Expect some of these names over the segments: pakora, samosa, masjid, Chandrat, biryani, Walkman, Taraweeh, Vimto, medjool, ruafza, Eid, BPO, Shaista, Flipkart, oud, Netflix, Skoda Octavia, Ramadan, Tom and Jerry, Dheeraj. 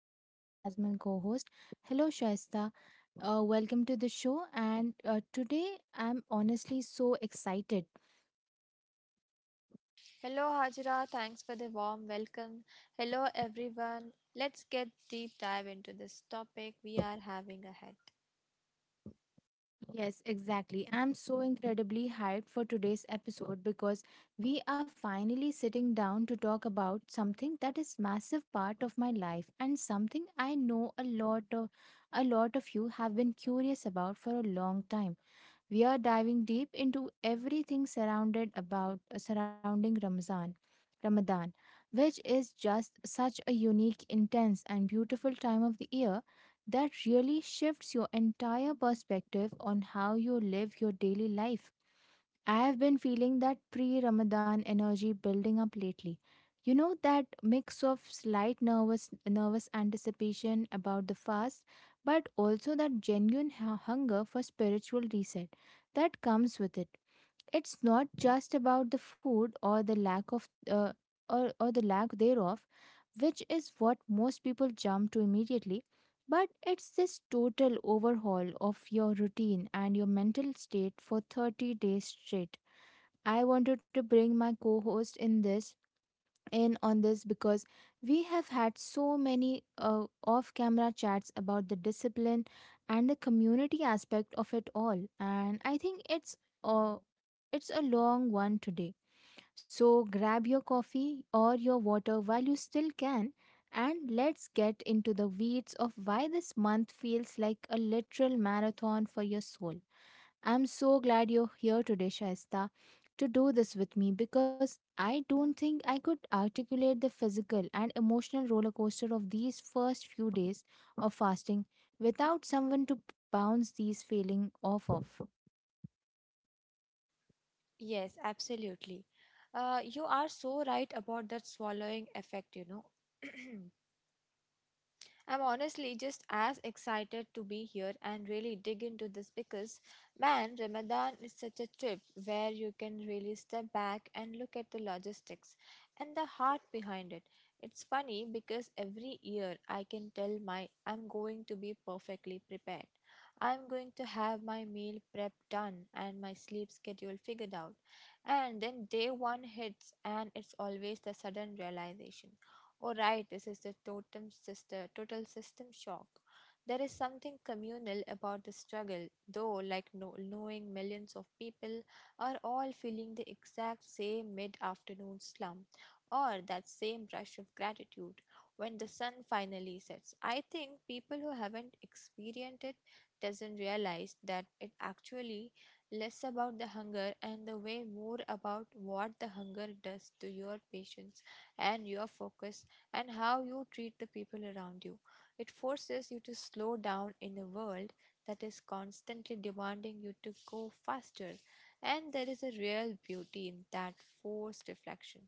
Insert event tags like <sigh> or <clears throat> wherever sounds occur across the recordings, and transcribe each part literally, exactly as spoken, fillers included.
Shaista as my co-host. Hello Shaista. Uh, welcome to the show and uh, today I'm honestly so excited. Hello, Hajra. Thanks for the warm welcome. Hello, everyone. Let's get deep dive into this topic we are having ahead. Yes, exactly. I'm so incredibly hyped for today's episode because we are finally sitting down to talk about something that is massive part of my life and something I know a lot of a lot of you have been curious about for a long time. We are diving deep into everything surrounded about uh, surrounding Ramzan, Ramadan, which is just such a unique, intense, and beautiful time of the year that really shifts your entire perspective on how you live your daily life. I have been feeling that pre Ramadan energy building up lately. You know that mix of slight nervous nervous anticipation about the fast, but also that genuine hu- hunger for spiritual reset that comes with it. It's not just about the food or the lack of uh, or, or the lack thereof, which is what most people jump to immediately, but it's this total overhaul of your routine and your mental state for thirty days straight. I wanted to bring my co host in this in on this because we have had so many uh, off camera chats about the discipline and the community aspect of it all, and I think it's uh, it's a long one today, so grab your coffee or your water while you still can, and let's get into the weeds of why this month feels like a literal marathon for your soul. I'm so glad you're here today, Shaista, to do this with me because I don't think I could articulate the physical and emotional roller coaster of these first few days of fasting without someone to bounce these feelings off of. Yes, absolutely. Uh, you are so right about that swallowing effect, you know. <clears throat> I'm honestly just as excited to be here and really dig into this because, man, Ramadan is such a trip where you can really step back and look at the logistics and the heart behind it. It's funny because every year I can tell my I'm going to be perfectly prepared. I'm going to have my meal prep done and my sleep schedule figured out. And then day one hits, and it's always the sudden realization. Oh, right, this is the totem sister, total system shock. There is something communal about the struggle, though, like no, knowing millions of people are all feeling the exact same mid afternoon slump or that same rush of gratitude when the sun finally sets. I think people who haven't experienced it doesn't realize that it actually less about the hunger and the way more about what the hunger does to your patience and your focus and how you treat the people around you. It forces you to slow down in a world that is constantly demanding you to go faster, and there is a real beauty in that forced reflection.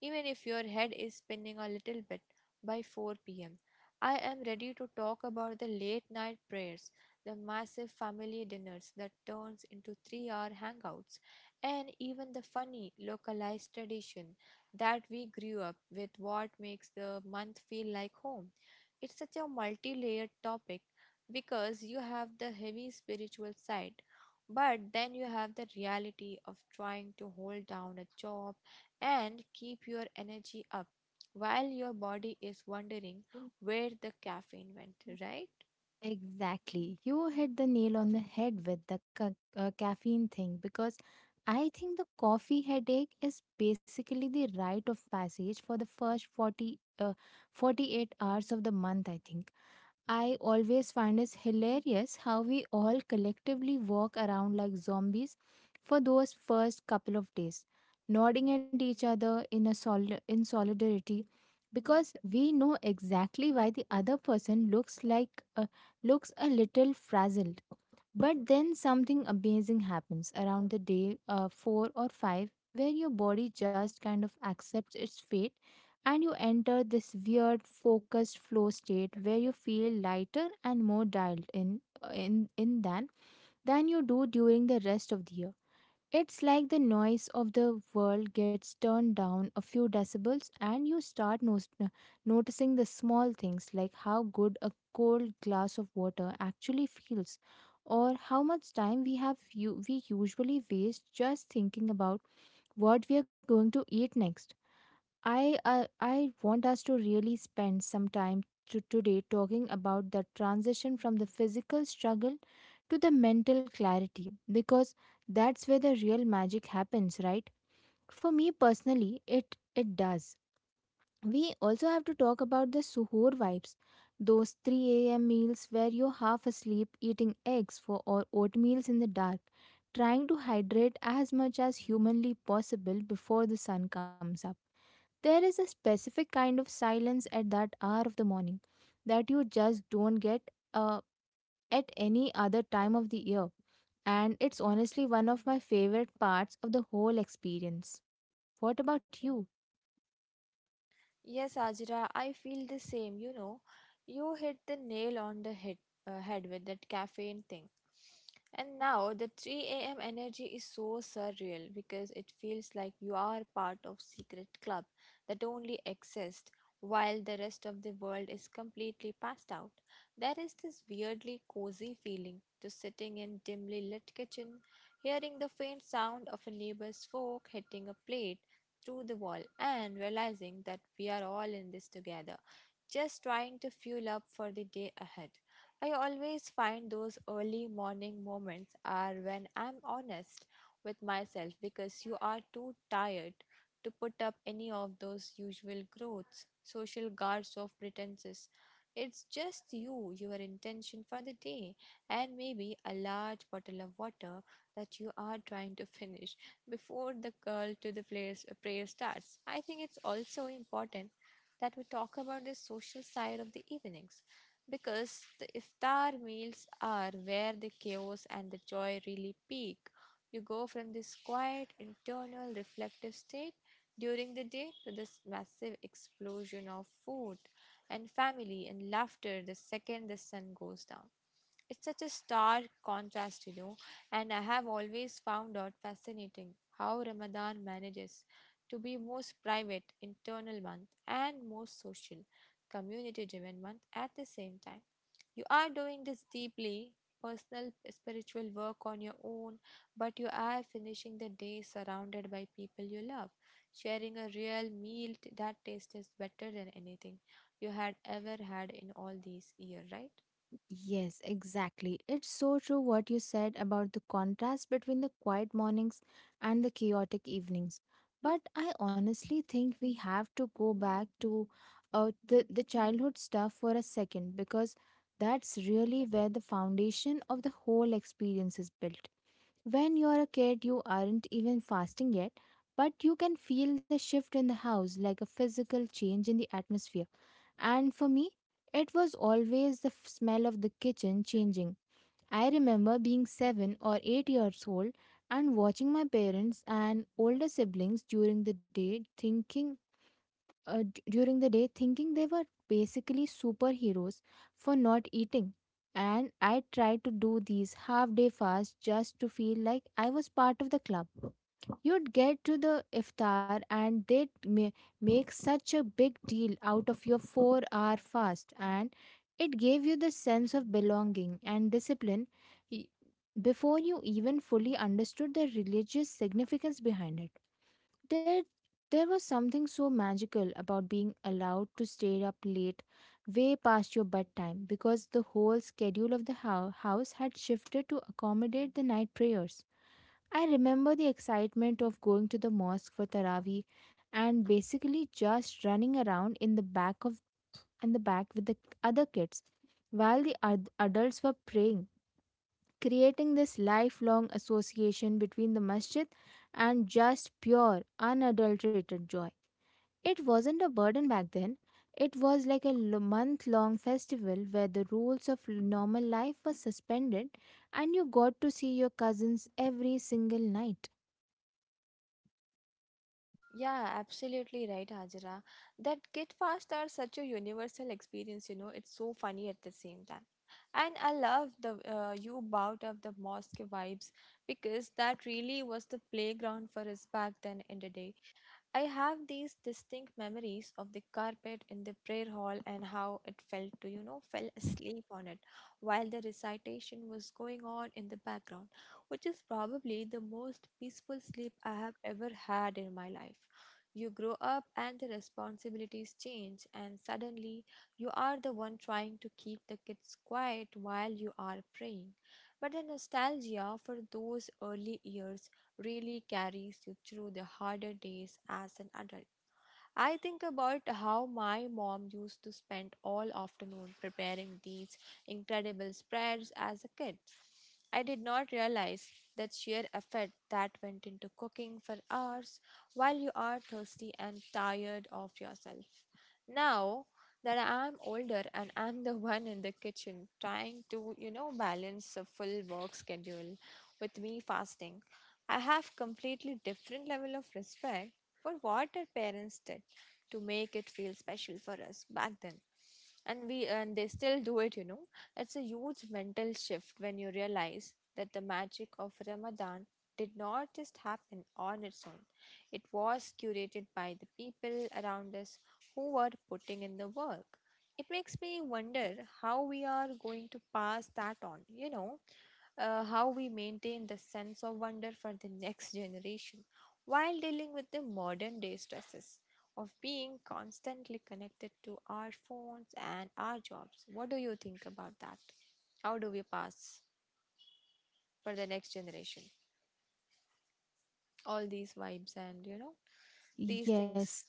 Even if your head is spinning a little bit by four p m, I am ready to talk about the late night prayers, the massive family dinners that turns into three hour hangouts, and even the funny localized tradition that we grew up with what makes the month feel like home. It's such a multi layered topic because you have the heavy spiritual side, but then you have the reality of trying to hold down a job and keep your energy up while your body is wondering where the caffeine went, right? Exactly. You hit the nail on the head with the ca- uh, caffeine thing because I think the coffee headache is basically the rite of passage for the first forty, uh, forty-eight hours of the month, I think. I always find it hilarious how we all collectively walk around like zombies for those first couple of days, nodding at each other in a sol- in solidarity because we know exactly why the other person looks like a, looks a little frazzled. But then something amazing happens around the day uh, four or five, where your body just kind of accepts its fate, and you enter this weird focused flow state where you feel lighter and more dialed in uh, in in than than you do during the rest of the year. It's like the noise of the world gets turned down a few decibels, and you start nos- no, noticing the small things, like how good a cold glass of water actually feels, or how much time we have u- we usually waste just thinking about what we are going to eat next. I uh, I want us to really spend some time to today talking about the transition from the physical struggle to the mental clarity, because that's where the real magic happens, right? For me personally, it it does. We also have to talk about the suhoor vibes, those three a m meals where you're half asleep eating eggs for or oatmeals in the dark, trying to hydrate as much as humanly possible before the sun comes up. There is a specific kind of silence at that hour of the morning that you just don't get uh, at any other time of the year. And it's honestly one of my favorite parts of the whole experience. What about you? Yes, Ajra, I feel the same. You know, you hit the nail on the head, uh, head with that caffeine thing. And now the three a m energy is so surreal because it feels like you are part of secret club that only exists while the rest of the world is completely passed out. There is this weirdly cozy feeling to sitting in dimly lit kitchen, hearing the faint sound of a neighbor's fork hitting a plate to the wall and realizing that we are all in this together just trying to fuel up for the day ahead. I always find those early morning moments are when I'm honest with myself because you are too tired to put up any of those usual growths, social guards of pretenses. It's just you, your intention for the day, and maybe a large bottle of water that you are trying to finish before the call to the players, prayer starts. I think it's also important that we talk about the social side of the evenings because the iftar meals are where the chaos and the joy really peak. You go from this quiet, internal, reflective state during the day to this massive explosion of food and family and laughter the second the sun goes down. It's such a stark contrast, you know, and I have always found out fascinating how Ramadan manages to be most private, internal month, and most social, community driven month at the same time. You are doing this deeply personal spiritual work on your own, but you are finishing the day surrounded by people you love, sharing a real meal t- that tastes better than anything you had ever had in all these years, right? Yes, exactly. It's so true what you said about the contrast between the quiet mornings and the chaotic evenings. But I honestly think we have to go back to uh, the, the childhood stuff for a second because that's really where the foundation of the whole experience is built. When you're a kid, you aren't even fasting yet, but you can feel the shift in the house like a physical change in the atmosphere, and for me, it was always the f- smell of the kitchen changing. I remember being seven or eight years old and watching my parents and older siblings during the day thinking uh, d- during the day thinking they were basically superheroes for not eating. And I tried to do these half day fasts just to feel like I was part of the club. You'd get to the iftar and they'd ma- make such a big deal out of your four hour fast, and it gave you the sense of belonging and discipline y- before you even fully understood the religious significance behind it. There, there was something so magical about being allowed to stay up late, way past your bedtime, because the whole schedule of the hou- house had shifted to accommodate the night prayers. I remember the excitement of going to the mosque for Taraweeh and basically just running around in the back of in the back with the other kids while the ad- adults were praying, creating this lifelong association between the masjid and just pure unadulterated joy. It wasn't a burden back then. It was like a month long festival where the rules of l- normal life were suspended and you got to see your cousins every single night. Yeah, absolutely right, Hajra. That Get Fast are such a universal experience, you know, it's so funny at the same time. And I love the uh, you bout of the mosque vibes because that really was the playground for us back then in the day. I have these distinct memories of the carpet in the prayer hall and how it felt to, you know, fell asleep on it while the recitation was going on in the background, which is probably the most peaceful sleep I have ever had in my life. You grow up and the responsibilities change, and suddenly you are the one trying to keep the kids quiet while you are praying. But the nostalgia for those early years really carries you through the harder days as an adult. I think about how my mom used to spend all afternoon preparing these incredible spreads as a kid. I did not realize that sheer effort that went into cooking for hours while you are thirsty and tired of yourself. Now that I'm older and I'm the <laughs> one in the kitchen trying to, you know, balance a full work schedule with me fasting, I have completely different level of respect for what our parents did to make it feel special for us back then, and we and they still do it, you know. It's a huge mental shift when you realize that the magic of Ramadan did not just happen on its own. It was curated by the people around us who were putting in the work. It makes me wonder how we are going to pass that on, you know. Uh, how we maintain the sense of wonder for the next generation while dealing with the modern day stresses of being constantly connected to our phones and our jobs. What do you think about that? How do we pass for the next generation? All these vibes and you know, these Yes. things.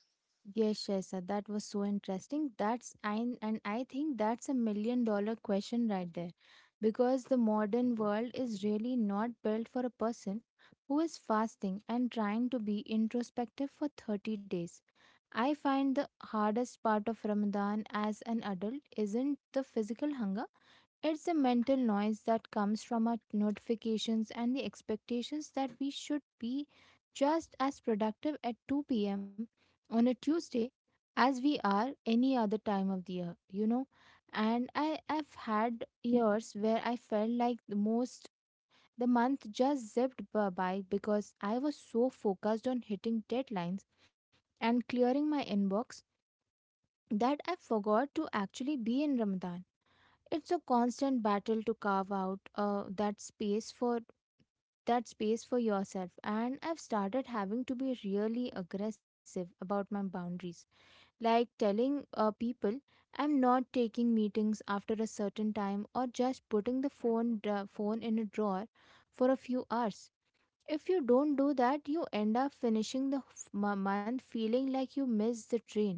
Yes, Shaisa, that was so interesting. That's I and I think that's a million dollar question right there. Because the modern world is really not built for a person who is fasting and trying to be introspective for thirty days. I find the hardest part of Ramadan as an adult isn't the physical hunger, it's the mental noise that comes from our notifications and the expectations that we should be just as productive at two p m on a Tuesday as we are any other time of the year, you know. And I, I've had years where I felt like the most the month just zipped bu- by because I was so focused on hitting deadlines and clearing my inbox that I forgot to actually be in Ramadan. It's a constant battle to carve out uh, that space for that space for yourself, and I've started having to be really aggressive about my boundaries, like telling uh, people I'm not taking meetings after a certain time, or just putting the phone dra- phone in a drawer for a few hours. If you don't do that, you end up finishing the f- m- month feeling like you missed the train,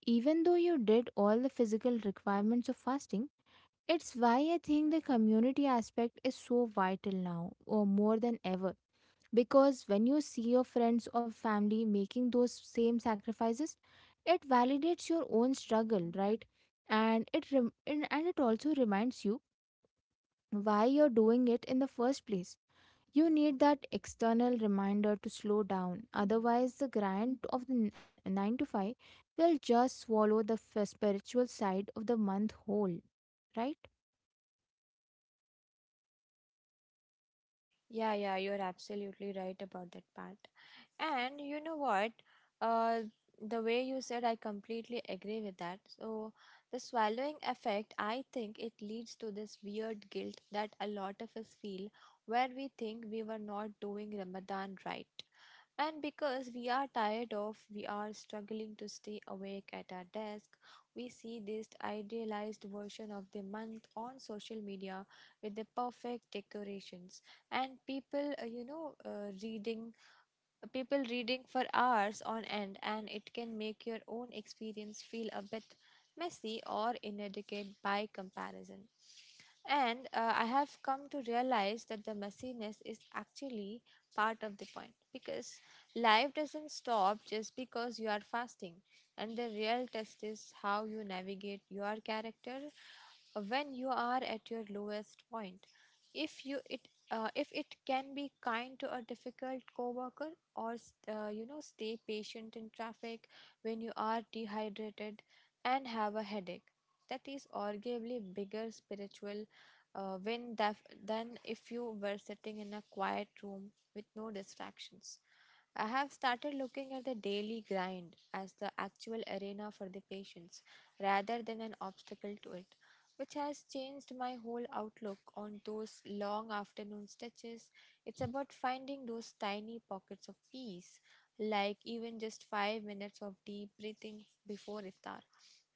even though you did all the physical requirements of fasting. It's why I think the community aspect is so vital now, or more than ever. Because when you see your friends or family making those same sacrifices, it validates your own struggle, right? And it rem- and and it also reminds you why you're doing it in the first place. You need that external reminder to slow down, otherwise, the grind of the n- nine to five will just swallow the f- spiritual side of the month whole, right? Yeah, yeah, you're absolutely right about that part. And you know what? Uh, the way you said, I completely agree with that. So, the swallowing effect, I think it leads to this weird guilt that a lot of us feel where we think we were not doing Ramadan right. And because we are tired of, we are struggling to stay awake at our desk, we see this idealized version of the month on social media with the perfect decorations and people uh, you know uh, reading people reading for hours on end, and it can make your own experience feel a bit messy or inadequate by comparison. And uh, I have come to realize that the messiness is actually part of the point because life doesn't stop just because you are fasting. And the real test is how you navigate your character when you are at your lowest point. If you it uh, if it can be kind to a difficult coworker or s- uh, you know stay patient in traffic when you are dehydrated and have a headache that is arguably bigger spiritual uh, when that than if you were sitting in a quiet room with no distractions. I have started looking at the daily grind as the actual arena for the patients rather than an obstacle to it, which has changed my whole outlook on those long afternoon stretches. It's about finding those tiny pockets of peace, like even just five minutes of deep breathing before iftar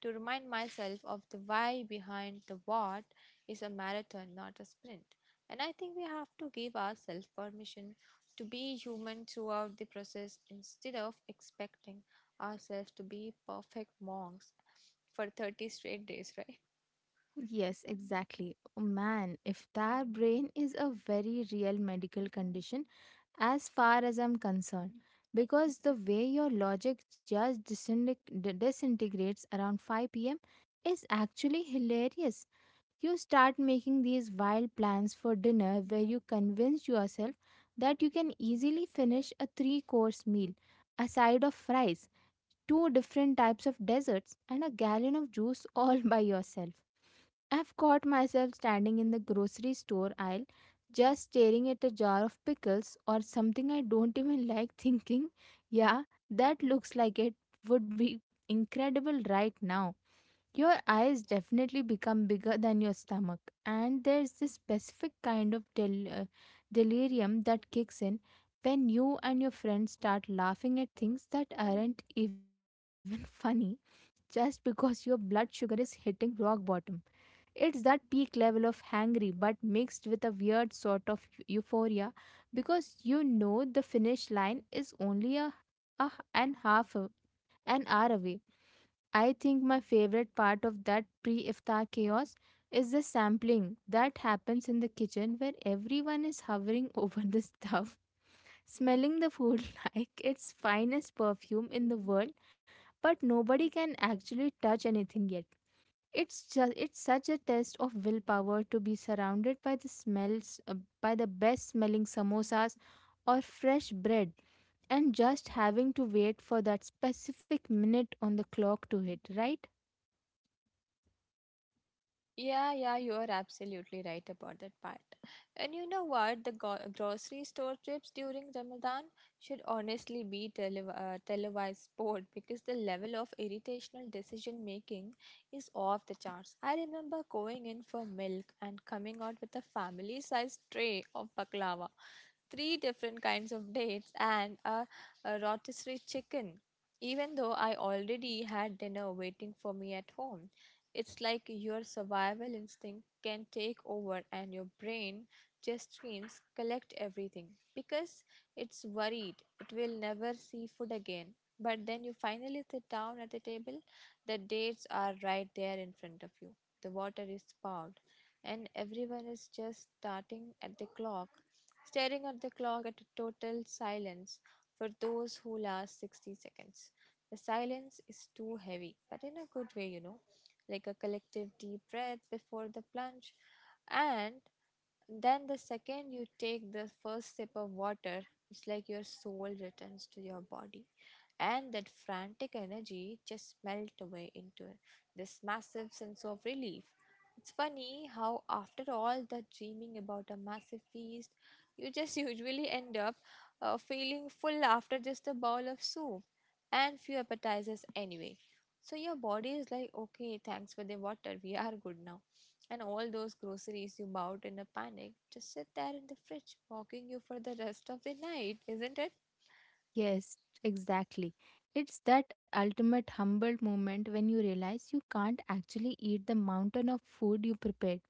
to remind myself of the why behind the what is a marathon, not a sprint. And I think we have to give ourselves permission to be human throughout the process instead of expecting ourselves to be perfect monks for thirty straight days, <laughs> right? Yes, exactly. Oh, man, if that brain is a very real medical condition, as far as I'm concerned, because the way your logic just disinte- d- disintegrates around five p m is actually hilarious. You start making these wild plans for dinner where you convince yourself that you can easily finish a three course meal, a side of fries, two different types of desserts, and a gallon of juice <laughs> all by yourself. I've caught myself standing in the grocery store aisle, just staring at a jar of pickles or something I don't even <laughs> like, thinking, yeah, that looks like it would be incredible right now. Your eyes definitely become bigger than your stomach, and there's this specific kind of del- uh, delirium that kicks in when you and your friends start laughing at things that aren't even <laughs> funny just because your blood sugar is hitting rock bottom. It's that peak level of hangry, but mixed with a weird sort of eu- euphoria because you know the finish line is only a, a h- an half a, an hour away. I think my favorite part of that pre iftar chaos is the sampling that happens in the kitchen where everyone is hovering <laughs> over the stuff, <laughs> smelling the food <laughs> like its finest perfume in the world, but nobody can actually touch anything yet. It's just it's such a test of willpower to be surrounded by the smells uh, by the best smelling samosas or fresh bread and just having to wait for that specific minute on the clock to hit, right? Yeah, yeah, you are absolutely right about that part. And you know what? The go- grocery store trips during Ramadan should honestly be tele- uh, televised sport <laughs> because the level of irritational decision making is off the charts. I remember going in for milk and coming out with a family sized tray of baklava, three different kinds of dates, and a, a rotisserie chicken. Even though I already had dinner waiting for me at home, it's like your survival instinct can take over and your brain just screams, collect everything because it's worried it will never see food again. But then you finally sit down at the table, the dates are right there in front of you, the water is poured, and everyone is just starting at the clock, staring at the clock at a total silence for those who last sixty seconds. The silence is too heavy, but in a good way, you know, like a collective deep breath before the plunge. And then the second you take the first sip of water, it's like your soul returns to your body. And that frantic energy just melt away into this massive sense of relief. It's funny how, after all that dreaming about a massive feast, you just <laughs> usually end up uh, feeling full after just a bowl of soup and few appetizers anyway. So your body is like, okay, thanks for the water, we are good now. And all those groceries you bought in a panic just sit there in the fridge, mocking you for the rest of the night, isn't it? Yes, exactly. It's that ultimate humble moment when you realize you can't actually eat the mountain of food you prepared,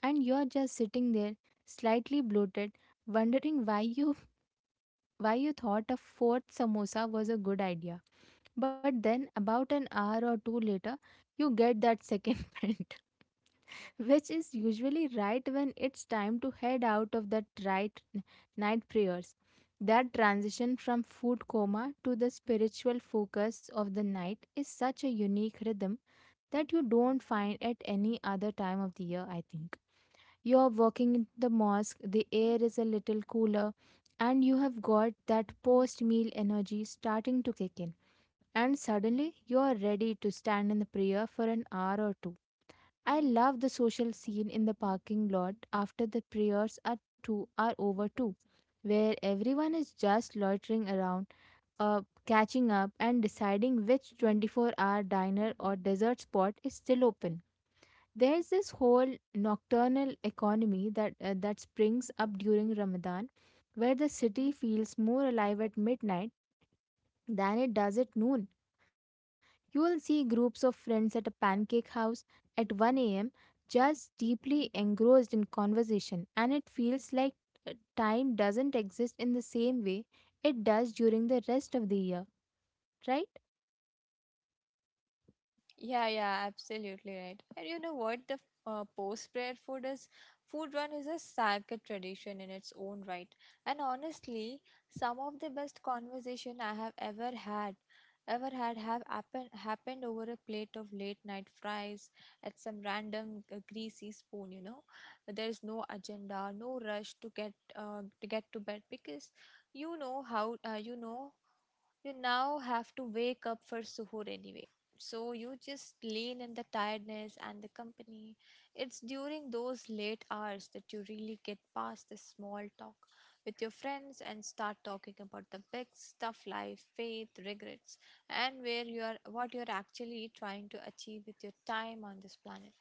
and you're just sitting there, slightly bloated, wondering why you <laughs> why you thought a fourth samosa was a good idea. But then, about an hour or two later, you get that second <laughs> pant, which is usually right when it's time to head out of that right n- night prayers. That transition from food coma to the spiritual focus of the night is such a unique rhythm that you don't find at any other time of the year, I think. You're walking in the mosque, the air is a little cooler, and you have got that post meal energy starting to kick in, and suddenly you are ready to stand in the prayer for an hour or two. I love the social scene in the parking lot after the prayers are two are over too, where everyone is just loitering around, uh, catching up and deciding which twenty-four-hour diner or dessert spot is still open. There's this whole nocturnal economy that uh, that springs up during Ramadan, where the city feels more alive at midnight than it does at noon. You will see groups of friends at a pancake house at one a m, just deeply engrossed in conversation, and it feels like uh, time doesn't exist in the same way it does during the rest of the year, right? Yeah, yeah, absolutely right. And you know what? The uh, post-prayer food is food run is a sacred tradition in its own right. And honestly, some of the best conversation I have ever had, ever had, have happen, happened over a plate of late-night fries at some random uh, greasy spoon. You know, there is no agenda, no rush to get uh, to get to bed because you know how uh, you know you now have to wake up for suhoor anyway. So you just lean in the tiredness and the company. It's during those late hours that you really get past the small talk with your friends and start talking about the big stuff life, faith, regrets, and where you are what you're actually trying to achieve with your time on this planet.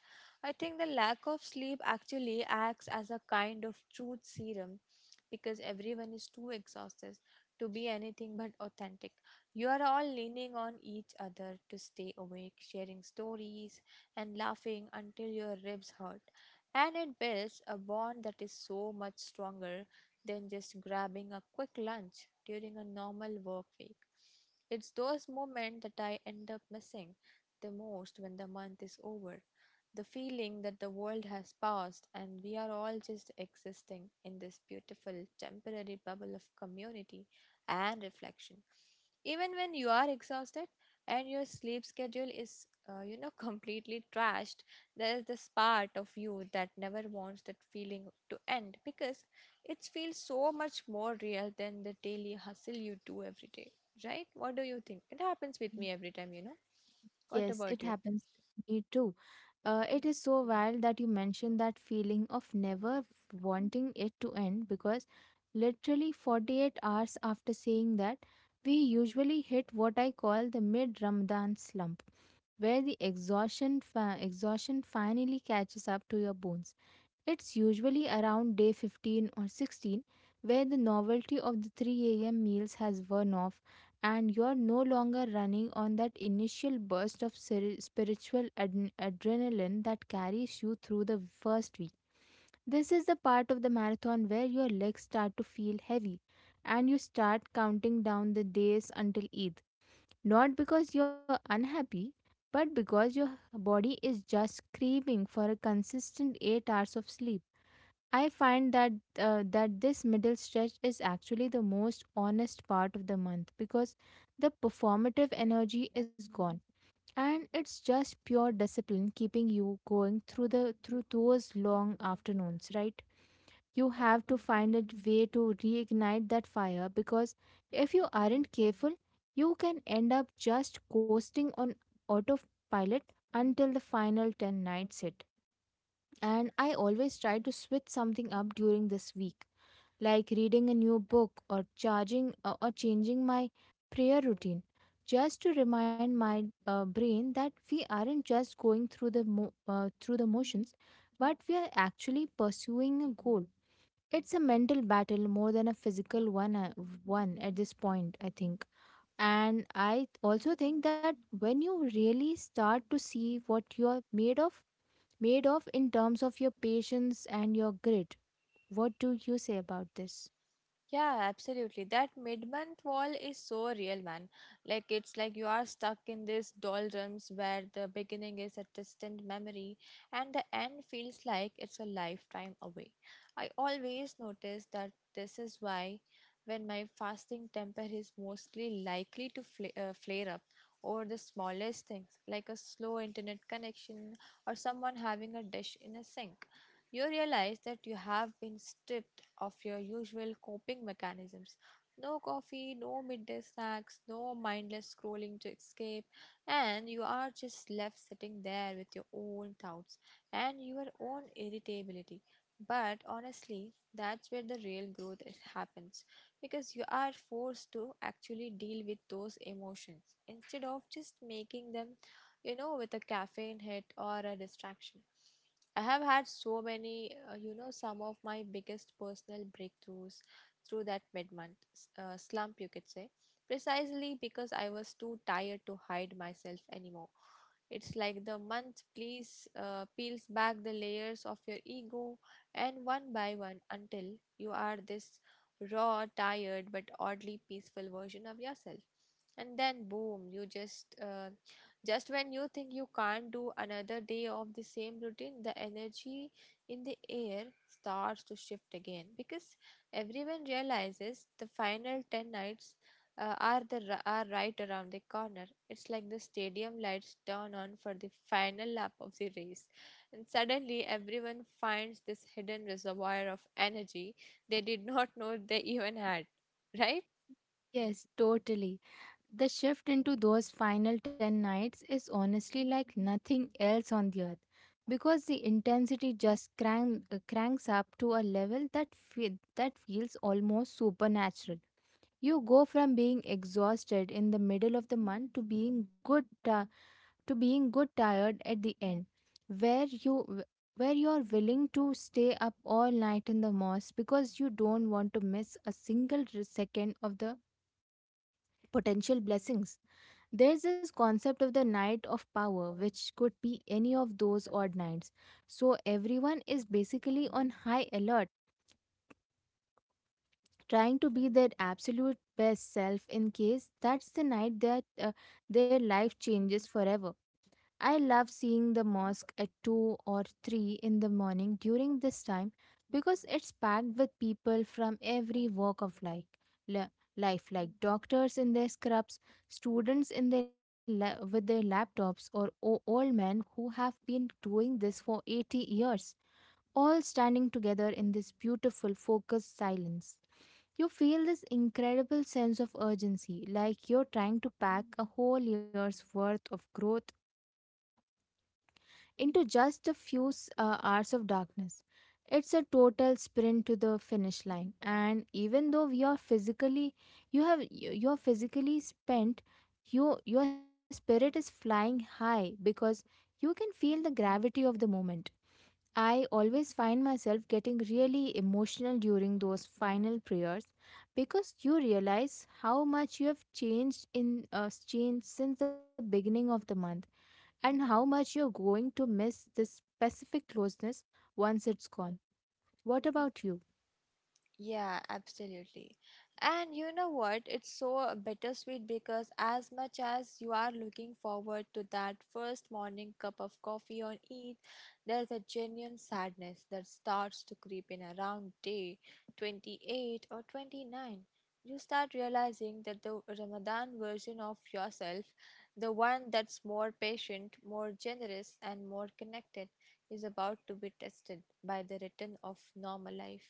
I think the lack of sleep actually acts as a kind of truth serum because everyone is too exhausted to be anything but authentic. You are all leaning on each other to stay awake, sharing stories and laughing until your ribs hurt. And it builds a bond that is so much stronger than just grabbing a quick lunch during a normal work week. It's those moments that I end up missing the most when the month is over. The feeling that the world has passed and we are all just existing in this beautiful temporary bubble of community and reflection. Even when you are exhausted and your sleep schedule is, uh, you know, <laughs> completely trashed, there is this part of you that never wants that feeling to end because it feels so much more real than the daily hustle you do every day, right? What do you think? It happens with Y- me every time, you know. What Yes, it about you? happens with me too. Uh, it is so wild that you mentioned that feeling of never wanting it to end, because literally forty-eight hours after saying that, we usually hit what I call the mid Ramadan slump, where the exhaustion, fa- exhaustion finally catches up to your bones. It's usually around day fifteen or sixteen, where the novelty of the three a m meals has worn off and you're no longer running on that initial burst of seri- spiritual ad- adrenaline that carries you through the first week. This is the part of the marathon where your legs start to feel heavy and you start counting down the days until Eid. Not because you're unhappy, but because your body is just craving for a consistent eight hours of sleep. I find that uh, that this middle stretch is actually the most honest part of the month, because the performative energy is gone and it's just pure discipline keeping you going through the through those long afternoons, right? You have to find a way to reignite that fire, because if you aren't careful, you can end up just coasting on autopilot until the final ten nights hit. And I always try to switch something up during this week, like reading a new book or charging uh, or changing my prayer routine, just to remind my uh, brain that we aren't just going through the mo- uh, through the motions, but we are actually pursuing a goal. It's a mental battle more than a physical one, uh, one at this point, I think. And I also think that when you really start to see what you're made of, made of in terms of your patience and your grit. What do you say about this? Yeah, absolutely. That mid-month wall is so real, man. Like it's like you are stuck in this doldrums where the beginning is a distant memory and the end feels like it's a lifetime away. I always notice that this is why when my fasting temper is mostly likely to fla uh, flare up over the smallest things, like a slow internet connection or someone having a dish in a sink. You realize that you have been stripped of your usual coping mechanisms. No coffee, no midday snacks, no mindless scrolling to escape, and you are just left sitting there with your own thoughts and your own irritability. But honestly, that's where the real growth is- happens because you are forced to actually deal with those emotions instead of just making them, you know, with a caffeine hit or a distraction. I have had so many, uh, you know, some of my biggest personal breakthroughs through that mid month uh, slump, you could say, precisely because I was too tired to hide myself anymore. It's like the month please uh, peels back the layers of your ego and one by one until you are this raw, tired, but oddly peaceful version of yourself. And then, boom, you just uh, just when you think you can't do another day of the same routine, the energy in the air starts to shift again because everyone realizes the final ten nights uh, are the ri- are right around the corner. It's like the stadium lights turn on for the final lap of the race and suddenly everyone finds this hidden reservoir of energy they did not know they even had, right? Yes, totally. The shift into those final ten nights is honestly like nothing else on the earth, because the intensity just crank, uh, cranks up to a level that fe- that feels almost supernatural. You go from being exhausted in the middle of the month to being good ti- to being good tired at the end, where you where you are willing to stay up all night in the mosque because you don't want to miss a single r- second of the potential blessings. There's this concept of the night of power, which could be any of those odd nights. So everyone is basically on high alert, trying to be their absolute best self in case that's the night that uh, their life changes forever. I love seeing the mosque at two or three in the morning during this time because it's packed with people from every walk of life. li- Life like doctors in their scrubs, students in their la- with their laptops, or o- old men who have been doing this for eighty years, all standing together in this beautiful focused silence. You feel this incredible sense of urgency, like you're trying to pack a whole year's worth of growth into just a few s- uh, hours of darkness. It's a total sprint to the finish line, and even though we are physically, you have you- you're physically spent, you your spirit is flying high, because you can feel the gravity of the moment. I always find myself getting really emotional during those final prayers, because you realize how much you have changed in uh, changed since the beginning of the month and how much you're going to miss this specific closeness once it's gone. What about you? Yeah, absolutely. And you know what? It's so bittersweet because as much as you are looking forward to that first morning cup of coffee on Eid, there's a genuine sadness that starts to creep in around day twenty-eight or twenty-nine. You start realizing that the Ramadan version of yourself, the one that's more patient, more generous, and more connected, is about to be tested by the return of normal life.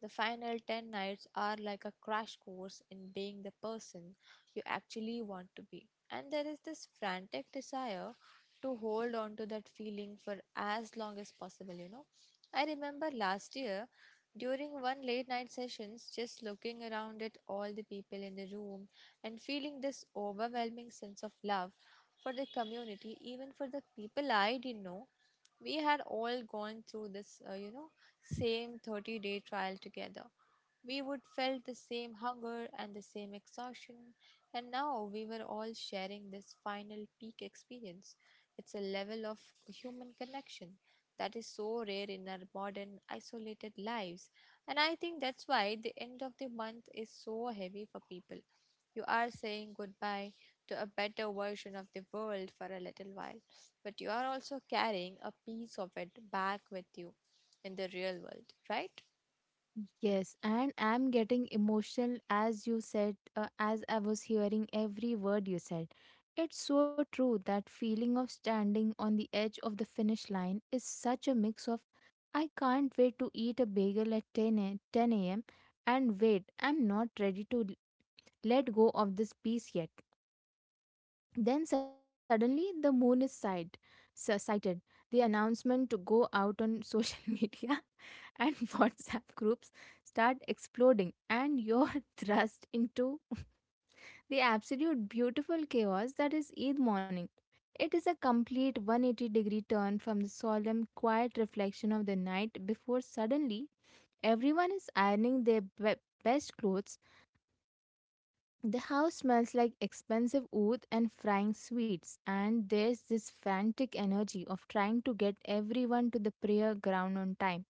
The final ten nights are like a crash course in being the person you actually want to be. And there is this frantic desire to hold on to that feeling for as long as possible, you know. I remember last year during one late night sessions just looking around at all the people in the room and feeling this overwhelming sense of love for the community, even for the people I didn't know. We had all gone through this uh, you know same thirty day trial together. We would felt the same hunger and the same exhaustion, and now we were all sharing this final peak experience. It's a level of human connection that is so rare in our modern isolated lives, and I think that's why the end of the month is so heavy for people. You are saying goodbye to a better version of the world for a little while, but you are also carrying a piece of it back with you in the real world, right? Yes, and I'm getting emotional as you said, uh, as I was hearing every word you said. It's so true, that feeling of standing on the edge of the finish line is such a mix of I can't wait to eat a bagel at ten a, ten a m and wait, I'm not ready to l- let go of this piece yet. Then suddenly the moon is sight, s- sighted. The announcement to go out on social <laughs> media and <laughs> WhatsApp groups start exploding, and you're <laughs> thrust into <laughs> the absolute beautiful chaos that is Eid morning. It is a complete one hundred eighty degree turn from the solemn, quiet reflection of the night before. Suddenly everyone is ironing their be- best clothes. The house smells like expensive oud and frying sweets, and there's this frantic energy of trying to get everyone to the prayer ground on time.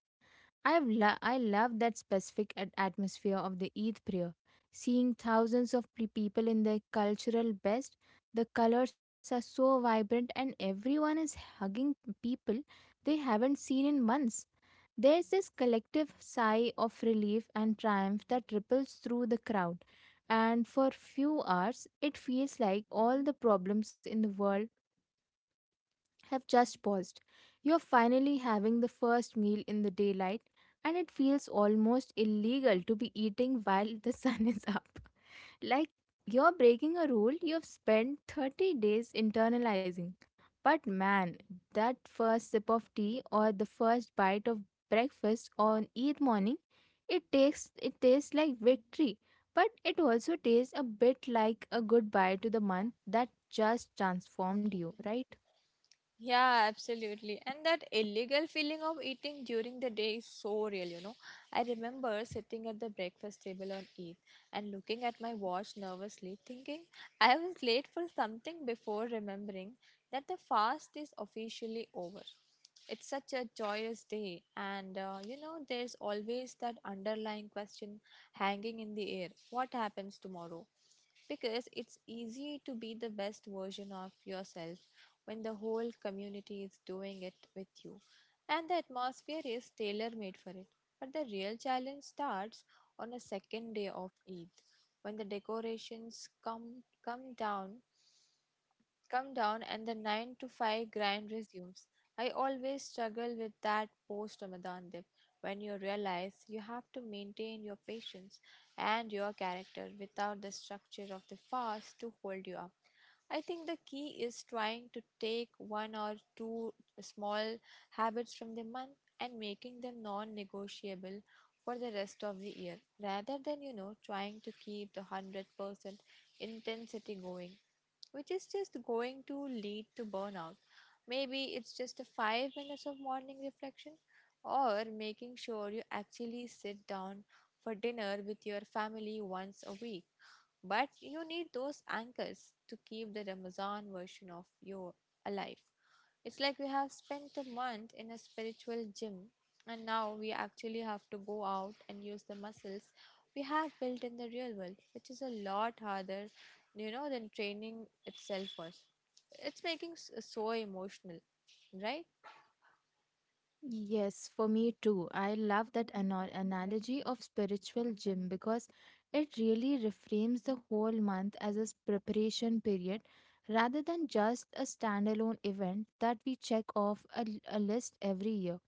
I've lo- I love that specific at- atmosphere of the Eid prayer. Seeing thousands of pe- people in their cultural best, the colors are so vibrant, and everyone is hugging people they haven't seen in months. There's this collective sigh of relief and triumph that ripples through the crowd. And for few hours, it feels like all the problems in the world have just paused. You're finally having the first meal in the daylight, and it feels almost illegal to be eating while the <laughs> sun is up. Like you're breaking a rule you've spent thirty days internalizing. But man, that first sip of tea or the first bite of breakfast on Eid morning, it takes it tastes like victory. But it also tastes a bit like a goodbye to the month that just transformed you, right? Yeah, absolutely. And that illegal feeling of eating during the day is so real, you know. I remember sitting at the breakfast table on Eid and looking at my watch nervously, thinking I was late for something before remembering that the fast is officially over. It's such a joyous day, and uh, you know, there's always that underlying question hanging in the air, what happens tomorrow? Because it's easy to be the best version of yourself when the whole community is doing it with you and the atmosphere is tailor made for it. But the real challenge starts on the second day of Eid when the decorations come come down come down and the nine to five grind resumes. I always struggle with that post Ramadan dip when you realize you have to maintain your patience and your character without the structure of the fast to hold you up. I think the key is trying to take one or two small habits from the month and making them non negotiable for the rest of the year rather than, you know, trying to keep the one hundred percent intensity going, which is just going to lead to burnout. Maybe it's just a five minutes of morning reflection or making sure you actually sit down for dinner with your family once a week. But you need those anchors to keep the Ramazan version of you alive. It's like we have spent a month in a spiritual gym and now we actually have to go out and use the muscles we have built in the real world, which is a lot harder, you know, than training itself was. It's making s- so emotional, right? Yes, for me too. I love that ano- analogy of spiritual gym, because it really reframes the whole month as a s- preparation period rather than just a standalone event that we check off a, l- a list every year.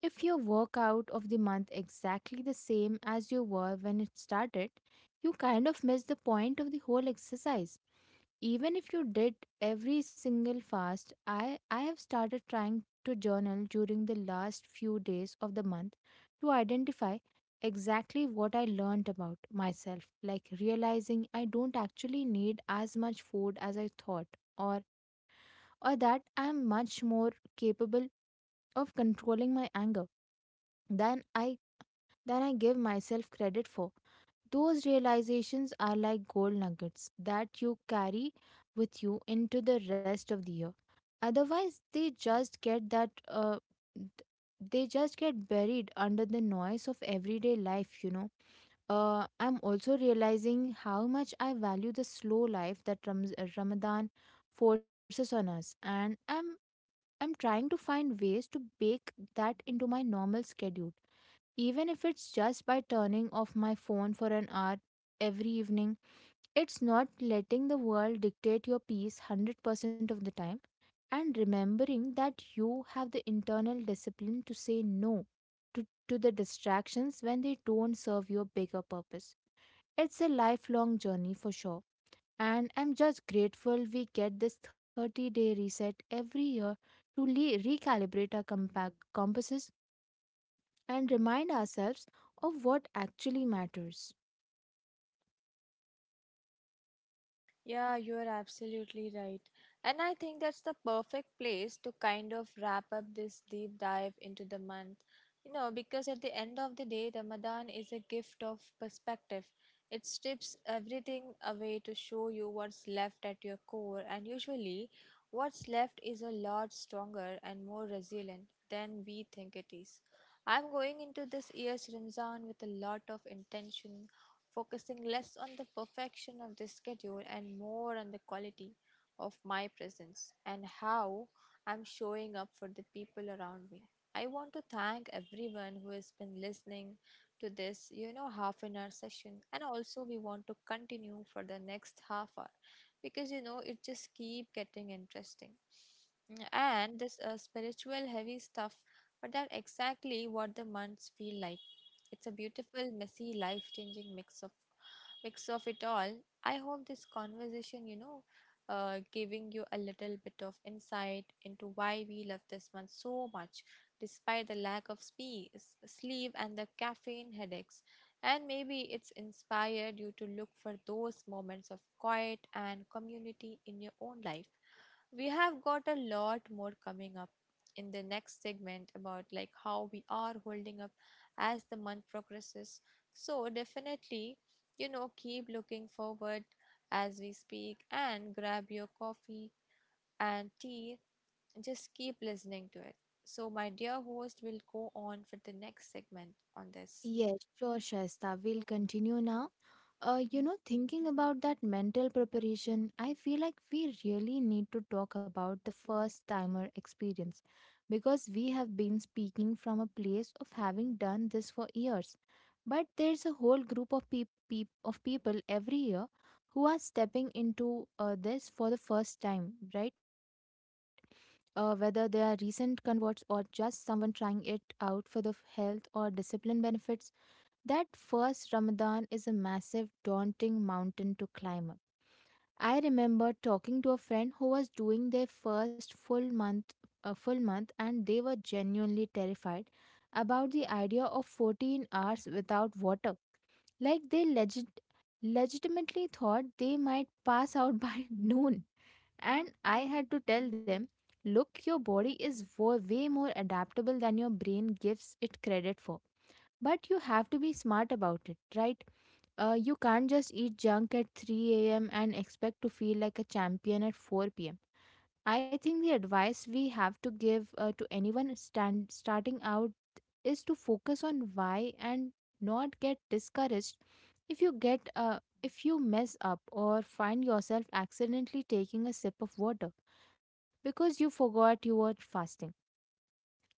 If your workout of the month exactly the same as you were when it started, you kind of miss the point of the whole exercise, even if you did every single fast. I i have started trying to journal during the last few days of the month to identify exactly what I learned about myself, like realizing I don't actually need as much food as I thought, or or that I am much more capable of controlling my anger than i than i give myself credit for. Those realizations are like gold nuggets that you carry with you into the rest of the year. Otherwise, they just get that uh, th- they just get buried under the noise of everyday life, you know. Uh, I'm also realizing how much I value the slow life that Ramz- uh, Ramadan forces on us, and I'm I'm trying to find ways to bake that into my normal schedule, even if it's just by turning off my phone for an hour every evening. It's not letting the world dictate your peace one hundred percent of the time, and remembering that you have the internal discipline to say no to, to the distractions when they don't serve your bigger purpose. It's a lifelong journey for sure. And I'm just grateful we get this thirty day reset every year to le- recalibrate our compa- compasses and remind ourselves of what actually matters. Yeah, you are absolutely right. And I think that's the perfect place to kind of wrap up this deep dive into the month. You know, because at the end of the day, Ramadan is a gift of perspective. It strips everything away to show you what's left at your core, and usually, what's left is a lot stronger and more resilient than we think it is. I'm going into this year's Ramzan with a lot of intention, focusing less on the perfection of the schedule and more on the quality of my presence and how I'm showing up for the people around me. I want to thank everyone who has been listening to this, you know, half an hour session. And also, we want to continue for the next half hour because, you know, it just keep getting interesting. Mm, and this uh, spiritual heavy stuff, but that's exactly what the months feel like. It's a beautiful, messy, life-changing mix of mix of it all. I hope this conversation, you know, uh, giving you a little bit of insight into why we love this month so much, despite the lack of spe- s- sleep and the caffeine headaches. And maybe it's inspired you to look for those moments of quiet and community in your own life. We have got a lot more coming up in the next segment about like how we are holding up as the month progresses, so definitely, you know, keep looking forward. As we speak, and grab your coffee and tea, just keep listening to it. So my dear host will go on for the next segment on this. Yes, sure, Shaista. We'll continue now. Uh, you know, thinking about that mental preparation, I feel like we really need to talk about the first timer experience, because we have been speaking from a place of having done this for years. But there's a whole group of, peop- peop- of people every year who are stepping into uh, this for the first time, right? Uh, whether they are recent converts or just someone trying it out for the f- health or discipline benefits, that first Ramadan is a massive, daunting mountain to climb up. I remember talking to a friend who was doing their first full month, a full month, and they were genuinely terrified about the idea of fourteen hours without water. Like they legit, legitimately thought they might pass out by <laughs> noon. And I had to tell them, look, your body is wo- way more adaptable than your brain gives it credit for. But you have to be smart about it, right? Uh, you can't just eat junk at three a m and expect to feel like a champion at four p m. I think the advice we have to give uh, to anyone stand, starting out is to focus on why and not get discouraged if you get uh, if you mess up or find yourself accidentally taking a sip of water because you forgot you were fasting.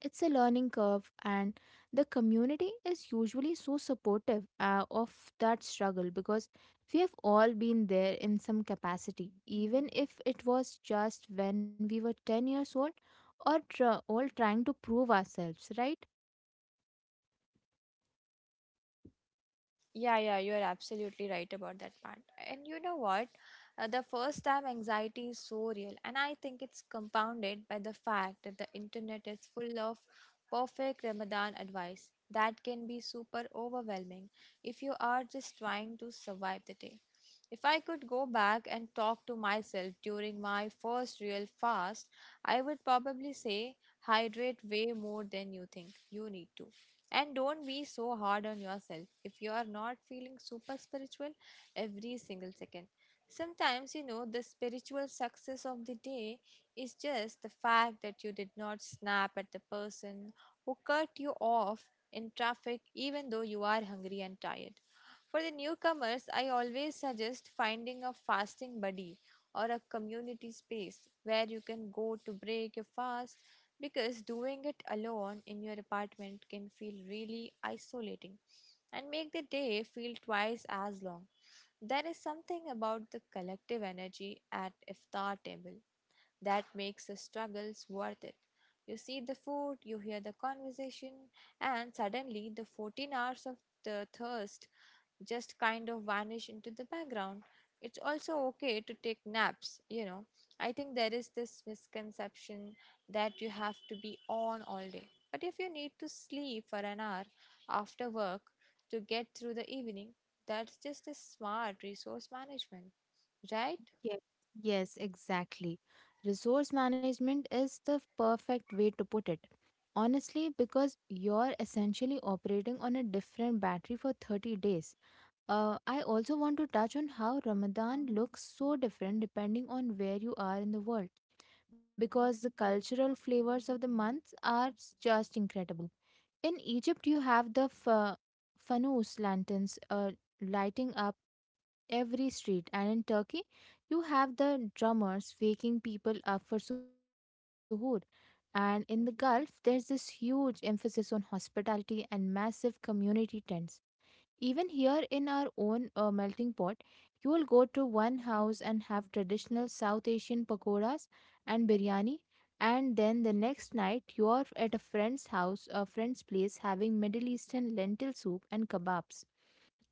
It's a learning curve, and the community is usually so supportive uh, of that struggle because we have all been there in some capacity, even if it was just when we were ten years old or tr- all trying to prove ourselves, right? Yeah, yeah, you are absolutely right about that part. And you know what? Uh, the first time anxiety is so real, and I think it's compounded by the fact that the internet is full of perfect Ramadan advice that can be super overwhelming if you are just trying to survive the day. If I could go back and talk to myself during my first real fast, I would probably say hydrate way more than you think you need to and don't be so hard on yourself if you are not feeling super spiritual every single second. Sometimes, you know, the spiritual success of the day is just the fact that you did not snap at the person who cut you off in traffic, even though you are hungry and tired. For the newcomers, I always suggest finding a fasting buddy or a community space where you can go to break your fast, because doing it alone in your apartment can feel really isolating and make the day feel twice as long. There is something about the collective energy at iftar table that makes the struggles worth it. You see the food, you hear the conversation, and suddenly the fourteen hours of the thirst just kind of vanish into the background. It's also okay to take naps, you know. I think there is this misconception that you have to be on all day. But if you need to sleep for an hour after work to get through the evening, that's just a smart resource management, right? Yes, yes, exactly. Resource management is the perfect way to put it. Honestly, because you're essentially operating on a different battery for thirty days. Uh, I also want to touch on how Ramadan looks so different depending on where you are in the world, because the cultural flavors of the months are just incredible. In Egypt, you have the fa- fanus lanterns uh, lighting up every street, and in Turkey, you have the drummers waking people up for suhoor. And in the Gulf, there's this huge emphasis on hospitality and massive community tents. Even here in our own uh, melting pot, you will go to one house and have traditional South Asian pakoras and biryani, and then the next night you are at a friend's house, a friend's place, having Middle Eastern lentil soup and kebabs.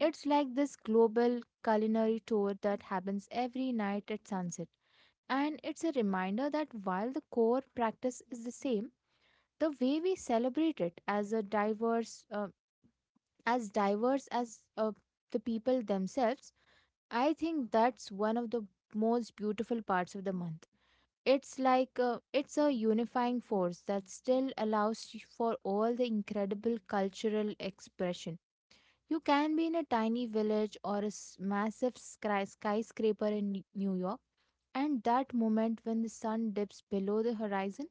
It's like this global culinary tour that happens every night at sunset. And it's a reminder that while the core practice is the same, the way we celebrate it as a diverse, uh, as diverse as uh, the people themselves, I think that's one of the most beautiful parts of the month. It's like uh, it's a unifying force that still allows you for all the incredible cultural expression. You can be in a tiny village or a s- massive skry- skyscraper in N- New York, and that moment when the sun dips below the horizon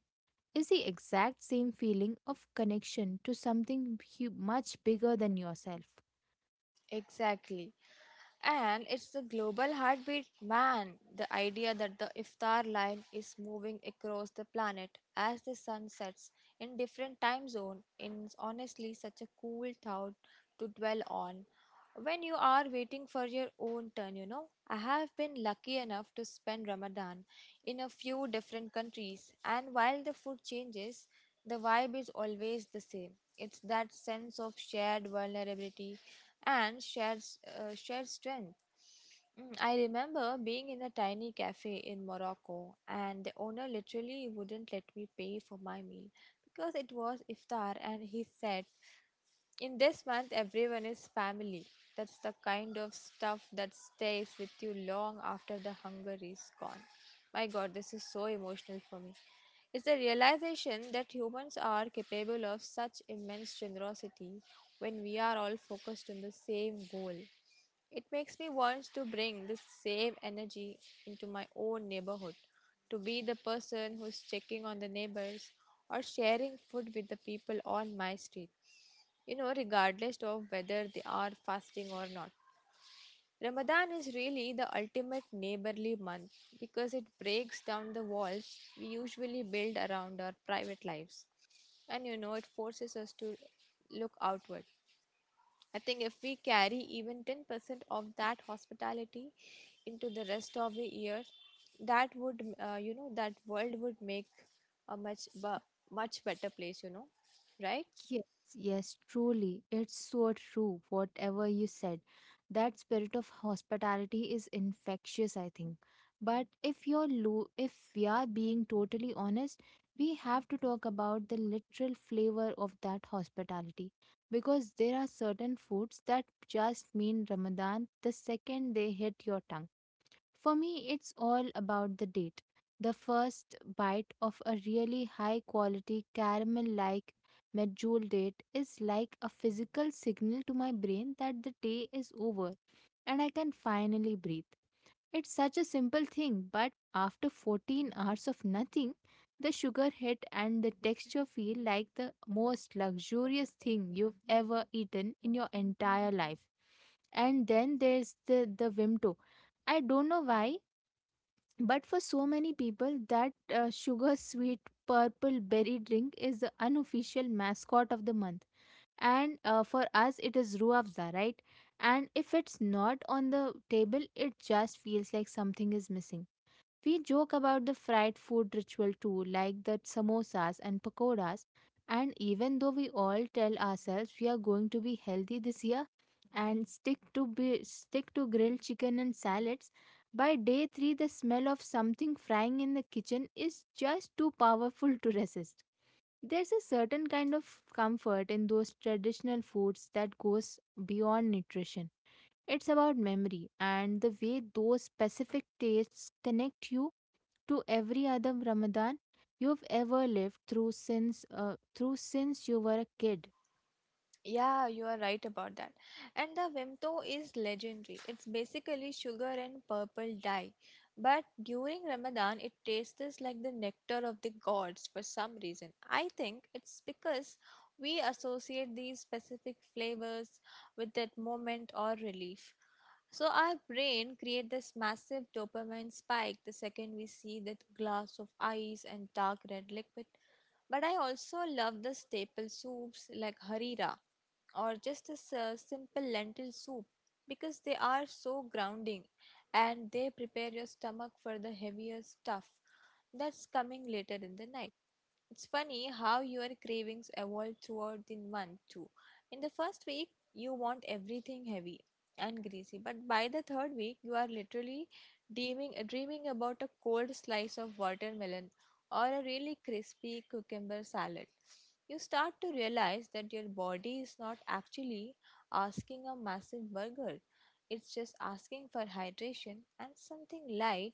is the exact same feeling of connection to something hu- much bigger than yourself. Exactly. And it's the global heartbeat, man. The idea that the iftar line is moving across the planet as the sun sets in different time zone is honestly such a cool thought to dwell on when you are waiting for your own turn, you know, I have been lucky enough to spend Ramadan in a few different countries, and while the food changes, the vibe is always the same. It's that sense of shared vulnerability and shared, s- uh, shared strength. Mm, I remember being in a tiny cafe in Morocco, and the owner literally wouldn't let me pay for my meal because it was iftar, and he said in this month, everyone is family. That's the kind of stuff that stays with you long after the hunger is gone. My god, this is so emotional for me. It's the realization that humans are capable of such immense generosity when we are all focused on the same goal. It makes me want to bring this same energy into my own neighborhood, to be the person who's checking on the neighbors or sharing food with the people on my street you know, regardless of whether they are fasting or not. Ramadan is really the ultimate neighborly month because it breaks down the walls we usually build around our private lives. And you know, it forces us to look outward. I think if we carry even ten percent of that hospitality into the rest of the year, that would, uh, you know, that world would make a much, bu- much better place, you know, right? Yes, yes, truly. It's so true, whatever you said. That spirit of hospitality is infectious, I think. But if you're lo- if we are being totally honest, we have to talk about the literal flavor of that hospitality. Because there are certain foods that just mean Ramadan the second they hit your tongue. For me, it's all about the date. The first bite of a really high quality caramel like medjool date is like a physical signal to my brain that the day is over and I can finally breathe. It's such a simple thing, but after fourteen hours of nothing, the sugar hit and the texture feel like the most luxurious thing you've ever eaten in your entire life. And then there's the, the Vimto. I don't know why, but for so many people, that uh, sugar sweet purple berry drink is the unofficial mascot of the month, and uh, for us it is ruafza, right? And if it's not on the table, it just feels like something is missing. We joke about the fried food ritual too, like the samosas and pakoras, and even though we all tell ourselves we are going to be healthy this year and stick to be, stick to grilled chicken and salads, by day three the smell of something frying in the kitchen is just too powerful to resist. There's a certain kind of comfort in those traditional foods that goes beyond nutrition. It's about memory and the way those specific tastes connect you to every other Ramadan you've ever lived through since uh, through since you were a kid. Yeah, you are right about that. And the Vimto is legendary. It's basically sugar and purple dye. But during Ramadan, it tastes like the nectar of the gods for some reason. I think it's because we associate these specific flavors with that moment or relief. So our brain creates this massive dopamine spike the second we see that glass of ice and dark red liquid. But I also love the staple soups like harira or just a s- simple lentil soup because they are so grounding and they prepare your stomach for the heavier stuff that's coming later in the night. It's funny how your cravings evolve throughout the month too. In the first week, you want everything heavy and greasy, but by the third week, you are literally dreaming, dreaming about a cold slice of watermelon or a really crispy cucumber salad. You start to realize that your body is not actually asking a massive burger. It's just asking for hydration and something light,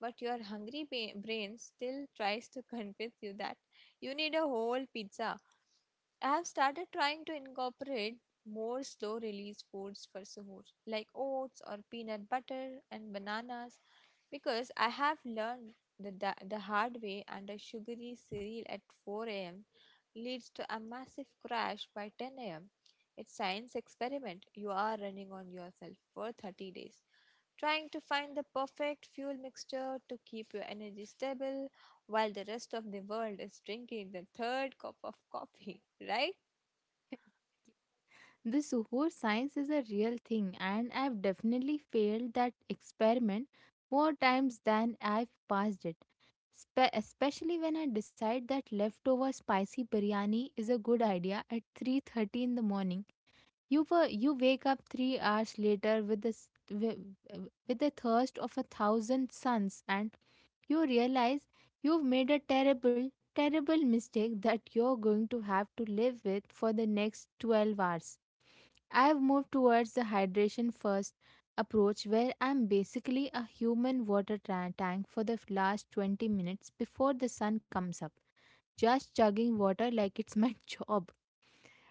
but your hungry ba- brain still tries to <laughs> convince you that you need a whole pizza. I have started trying to incorporate more slow release foods for suhoor, like oats or peanut butter and bananas, because I have learned the, the, the hard way and a sugary cereal at four a m leads to a massive crash by ten a m. It's science experiment you are running on yourself for thirty days trying to find the perfect fuel mixture to keep your energy stable while the rest of the world is drinking the third cup of coffee, <laughs> right? This super science is a real thing, and I've definitely failed that experiment more times than I've passed it. Spe- especially when I decide that leftover spicy biryani is a good idea at three thirty in the morning. You were, you wake up three hours later with the s- wi- with the thirst of a thousand suns, and you realize you've made a terrible, terrible mistake that you're going to have to live with for the next twelve hours. I've moved towards the hydration first approach, where I'm basically a human water tra- tank for the last twenty minutes before the sun comes up, just chugging water like it's my <laughs> job.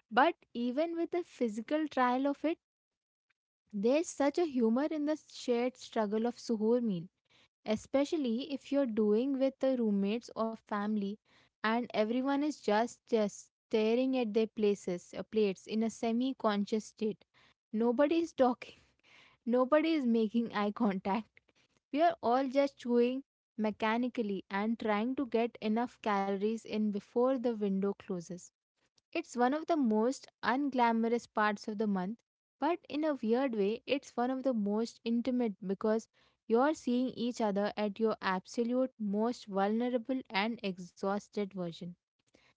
But even with the physical trial of it, there's such a humor in the shared struggle of suhoor meal, especially if you're doing with the roommates or family, and everyone is just, just staring at their places, uh, plates in a semi-conscious state. Nobody is talking. Nobody is making eye contact. We are all just chewing mechanically and trying to get enough calories in before the window closes. It's one of the most unglamorous parts of the month, but in a weird way, it's one of the most intimate, because you're seeing each other at your absolute most vulnerable and exhausted version.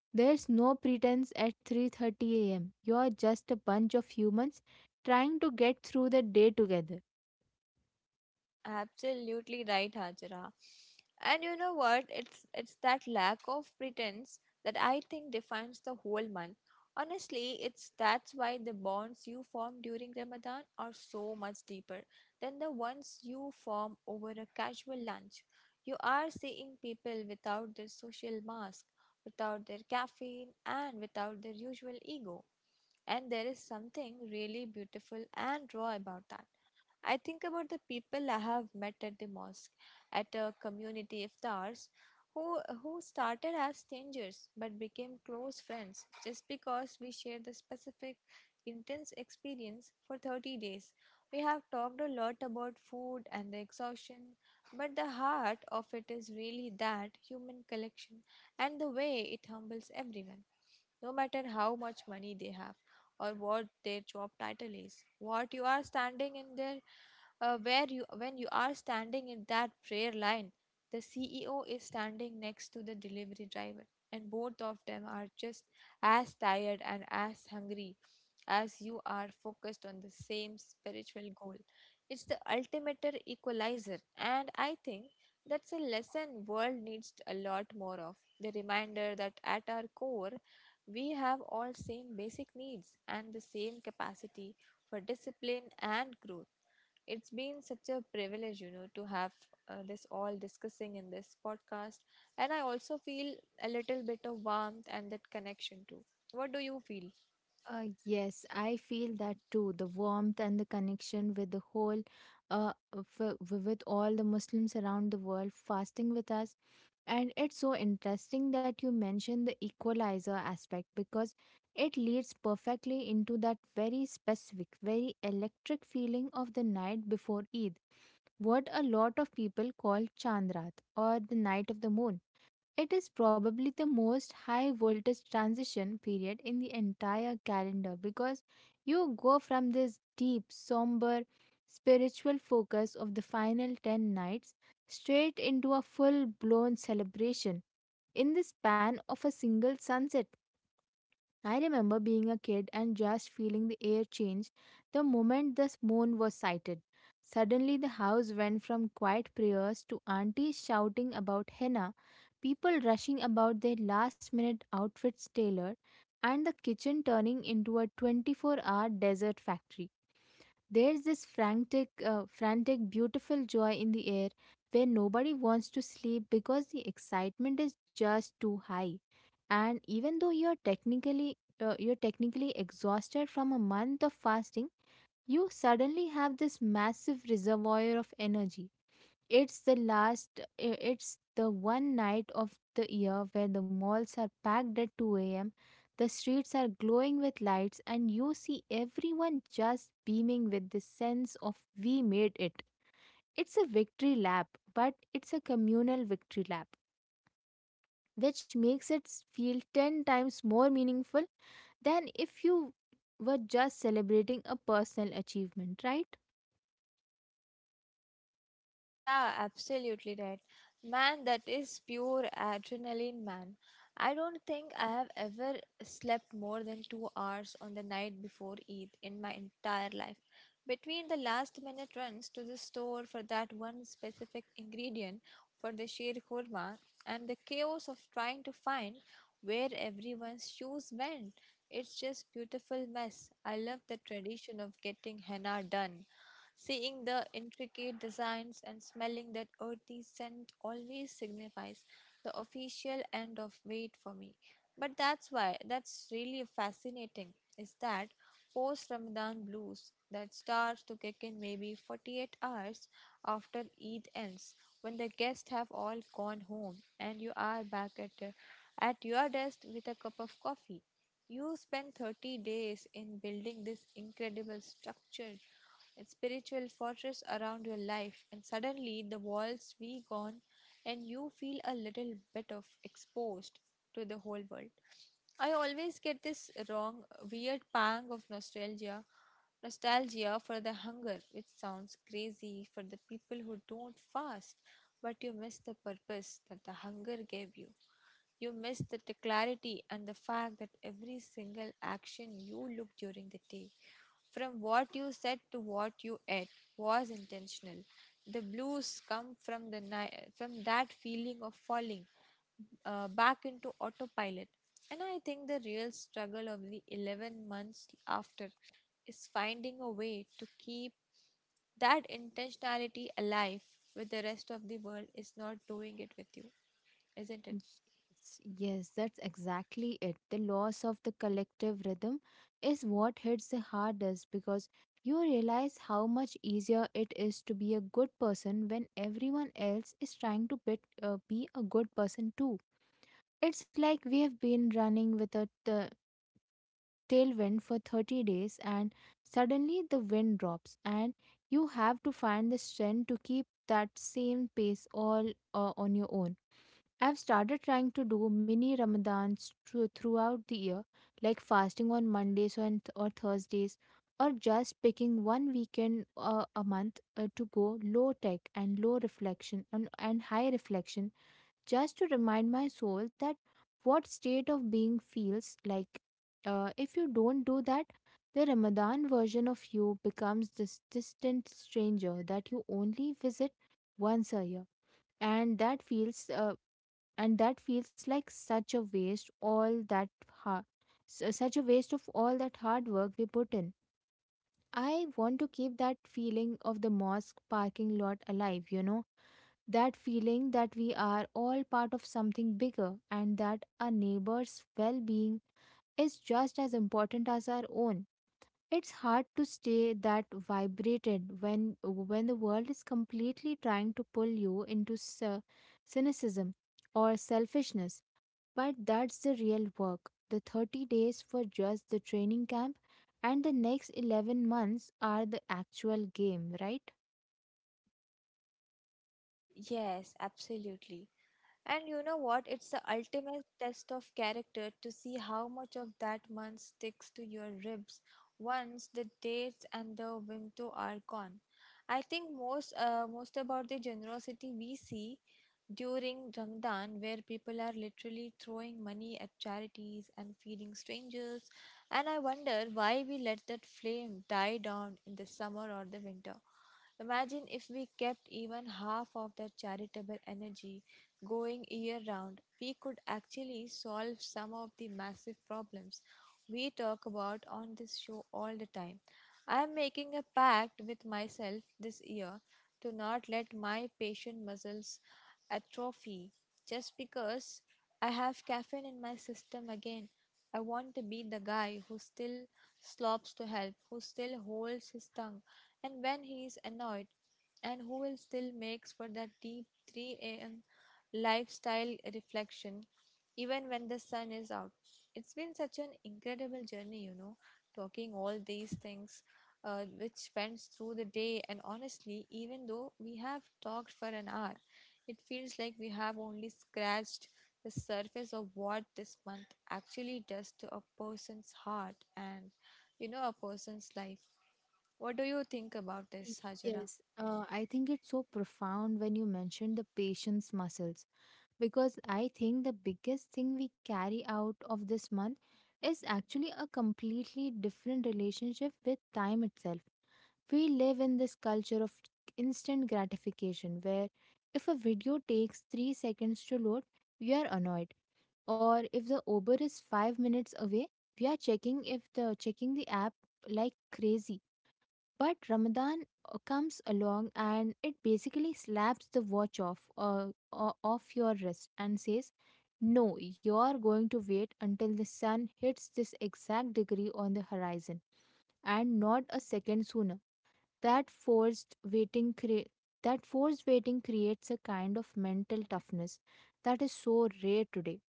There's no pretense at three thirty a m. You're just a bunch of humans trying to get through the day together. Absolutely right, Hajra. And you know what? It's it's that lack of pretense that I think defines the whole month. Honestly, it's that's why the bonds you form during Ramadan are so much deeper than the ones you form over a casual lunch. You are seeing people without their social mask, without their caffeine, and without their usual ego. And there is something really beautiful and raw about that. I think about the people I have met at the mosque, at a community iftars, who who started as strangers but became close friends just because we shared the specific intense experience for thirty days. We have talked a lot about food and the exhaustion, but the heart of it is really that human connection and the way it humbles everyone, no matter how much money they have or what their job title is. What you are standing in there, uh, where you when you are standing in that prayer line, the C E O is standing next to the delivery driver, and both of them are just as tired and as hungry as you are focused on the same spiritual goal. It's the ultimate equalizer, and I think that's a lesson world needs a lot more of, the reminder that at our core we have all same basic needs and the same capacity for discipline and growth. It's been such a privilege, you know, to have uh, this all discussing in this podcast. And I also feel a little bit of warmth and that connection too. What do you feel? Uh, yes, I feel that too. The warmth and the connection with the whole, uh, f- with all the Muslims around the world fasting with us. And it's so interesting that you mentioned the equalizer aspect, because it leads perfectly into that very specific, very electric feeling of the night before Eid, what a lot of people call Chandrat or the night of the moon. It is probably the most high voltage transition period in the entire calendar, because you go from this deep, somber, spiritual focus of the final ten nights straight into a full blown celebration in the span of a single sunset. I remember being a kid and just feeling the air change the moment the moon was sighted. Suddenly, the house went from quiet prayers to aunties shouting about henna, people rushing about their last minute outfits tailored, and the kitchen turning into a twenty-four hour desert factory. There's this frantic, uh, frantic, beautiful joy in the air, where nobody wants to sleep because the excitement is just too high. And even though you're technically uh, you're technically exhausted from a month of fasting, you suddenly have this massive reservoir of energy. It's the last, i- it's the one night of the year where the malls are packed at two a m, the streets are glowing with lights, and you see everyone just beaming with the sense of we made it. It's a victory lap, but it's a communal victory lap, which makes it s- feel ten times more meaningful than if you were just celebrating a personal achievement, right? Yeah, absolutely right. Man, that is pure adrenaline, man. I don't think I have ever slept more than two hours on the night before Eid in my entire life. Between the last minute runs to the store for that one specific ingredient for the sheer kurma and the chaos of trying to find where everyone's shoes went, it's just beautiful mess. I love the tradition of getting henna done. Seeing the intricate designs and smelling that earthy scent always signifies the official end of wait for me. But that's why that's really fascinating is that post Ramadan blues that starts to kick in maybe forty-eight hours after Eid ends when the guests have all gone home and you are back at uh, at your desk with a cup of coffee. You spend thirty days in building this incredible structure, a spiritual fortress around your life, and suddenly the walls we gone and you feel a little bit of exposed to the whole world. I always get this wrong, weird pang of nostalgia nostalgia for the hunger, which sounds crazy for the people who don't fast, but you miss the purpose that the hunger gave you. You miss the t- clarity and the fact that every single action you look during the day from what you said to what you ate was intentional. The blues come from the ni- from that feeling of falling uh, back into autopilot. And I think the real struggle of the eleven months after is finding a way to keep that intentionality alive with the rest of the world is not doing it with you, isn't it? Yes, yes, that's exactly it. The loss of the collective rhythm is what hits the hardest, because you realize how much easier it is to be a good person when everyone else is trying to bit, uh, be a good person too. It's like we have been running with a t- tailwind for thirty days, and suddenly the wind drops and you have to find the strength to keep that same pace all uh, on your own. I've started trying to do mini Ramadans thro- throughout the year, like fasting on Mondays and or Thursdays, or just picking one weekend uh, a month uh, to go low tech and low reflection and, and high reflection, just to remind my soul that what state of being feels like. Uh, if you don't do that, the Ramadan version of you becomes this distant stranger that you only visit once a year, and that feels uh, and that feels like such a waste all that ha- su- such a waste of all that hard work we put in. I want to keep that feeling of the mosque parking lot alive, you know, that feeling that we are all part of something bigger, and that our neighbors well being is just as important as our own. It's hard to stay that vibrated when when the world is completely trying to pull you into cy- cynicism or selfishness. But that's the real work. The thirty days for just the training camp, and the next eleven months are the actual game, right? Yes, absolutely. And you know what? It's the ultimate test of character to see how much of that month sticks to your ribs once the dates and the window are gone. I think most uh, most about the generosity we see during Ramadan where people are literally throwing money at charities and feeding strangers, and I wonder why we let that flame die down in the summer or the winter. Imagine if we kept even half of that charitable energy going year round, we could actually solve some of the massive problems we talk about on this show all the time. I am making a pact with myself this year to not let my patient muscles atrophy just because I have caffeine in my system again. I want to be the guy who still slops to help, who still holds his tongue, and when he is annoyed, and who will still makes for that deep three a.m lifestyle reflection, even when the sun is out. It's been such an incredible journey, you know, talking all these things uh, which went through the day. And honestly, even though we have talked for an hour, it feels like we have only scratched the surface of what this month actually does to a person's heart and, you know, a person's life. What do you think about Y- this, Hajira? Yes. Uh, I think it's so profound when you mention the patience muscles, because I think the biggest thing we carry out of this month is actually a completely different relationship with time itself. We live in this culture of instant gratification, where if a video takes three seconds to load, we are annoyed, or if the Uber is five minutes away, we are checking if the checking the app like crazy. But Ramadan uh, comes along, and it basically slaps the watch off uh, uh, off your wrist and says, "No, you're going to wait until the sun hits this exact degree on the horizon and not a second sooner." That forced waiting cre- that forced waiting creates a kind of mental toughness that is so rare today.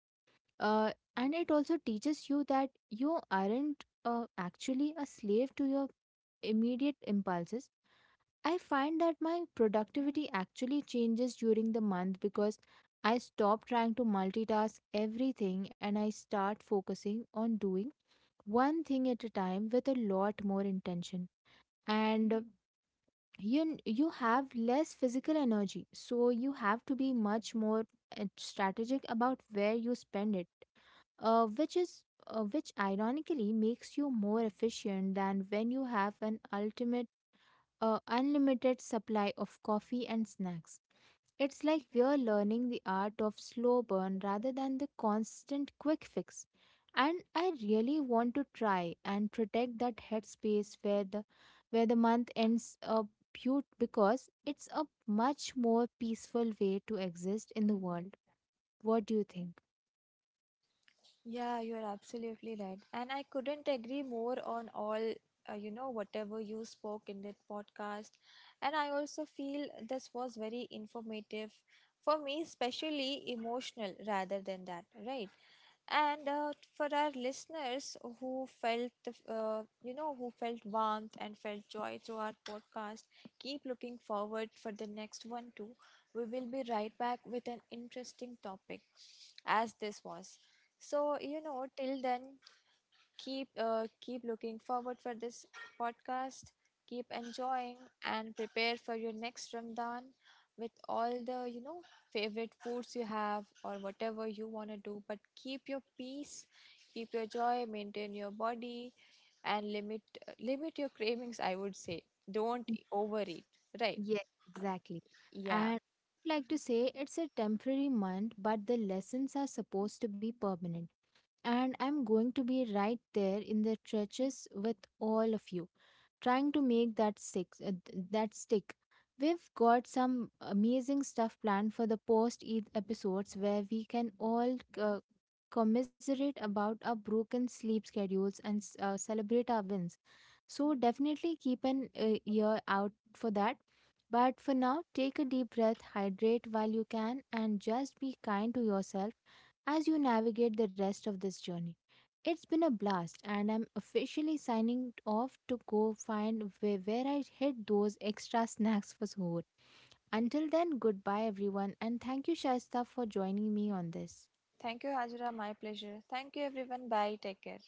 Uh, and it also teaches you that you aren't uh, actually a slave to your immediate impulses. I find that my productivity actually changes during the month, because I stop trying to multitask everything, and I start focusing on doing one thing at a time with a lot more intention. And uh, you you have less physical energy, so you have to be much more uh, strategic about where you spend it, uh, which is uh, which ironically makes you more efficient than when you have an ultimate a unlimited supply of coffee and snacks. It's like we're learning the art of slow burn rather than the constant quick fix. And I really want to try and protect that headspace where the where the month ends up beaut, because it's a much more peaceful way to exist in the world. What do you think? Yeah, you're absolutely right. And I couldn't agree more on all, uh, you know, whatever you spoke in that podcast. And I also feel this was very informative for me, especially emotional rather than that, right? And uh, for our listeners who felt, the f- uh, you know, who felt warmth and felt joy through our podcast, keep looking forward for the next one too. We will be right back with an interesting topic as this was. So, you know, till then, keep uh, keep looking forward for this podcast, keep enjoying and prepare for your next Ramadan with all the, you know, favorite foods you have or whatever you want to do, but keep your peace, keep your joy, maintain your body and limit limit your cravings, I would say. Don't overeat, right? Yes, exactly. Yeah. And I'd like to say it's a temporary month, but the lessons are supposed to be permanent. And I'm going to be right there in the trenches with all of you, trying to make that stick. uh, th- that stick. We've got some amazing stuff planned for the post Eid episodes, where we can all uh, commiserate about our broken sleep schedules and s- uh, celebrate our wins. So definitely keep an uh, ear out for that. But for now, take a deep breath, hydrate while you can, and just be kind to yourself as you navigate the rest of this journey. It's been a blast, and I'm officially signing off to go find where, where I hid those extra <laughs> snacks for Suhoor. Until then, goodbye everyone, and thank you, Shaista, for joining me on this. Thank you, Hajra. My pleasure. Thank you, everyone. Bye. Take care.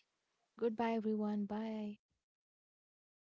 Goodbye, everyone. Bye.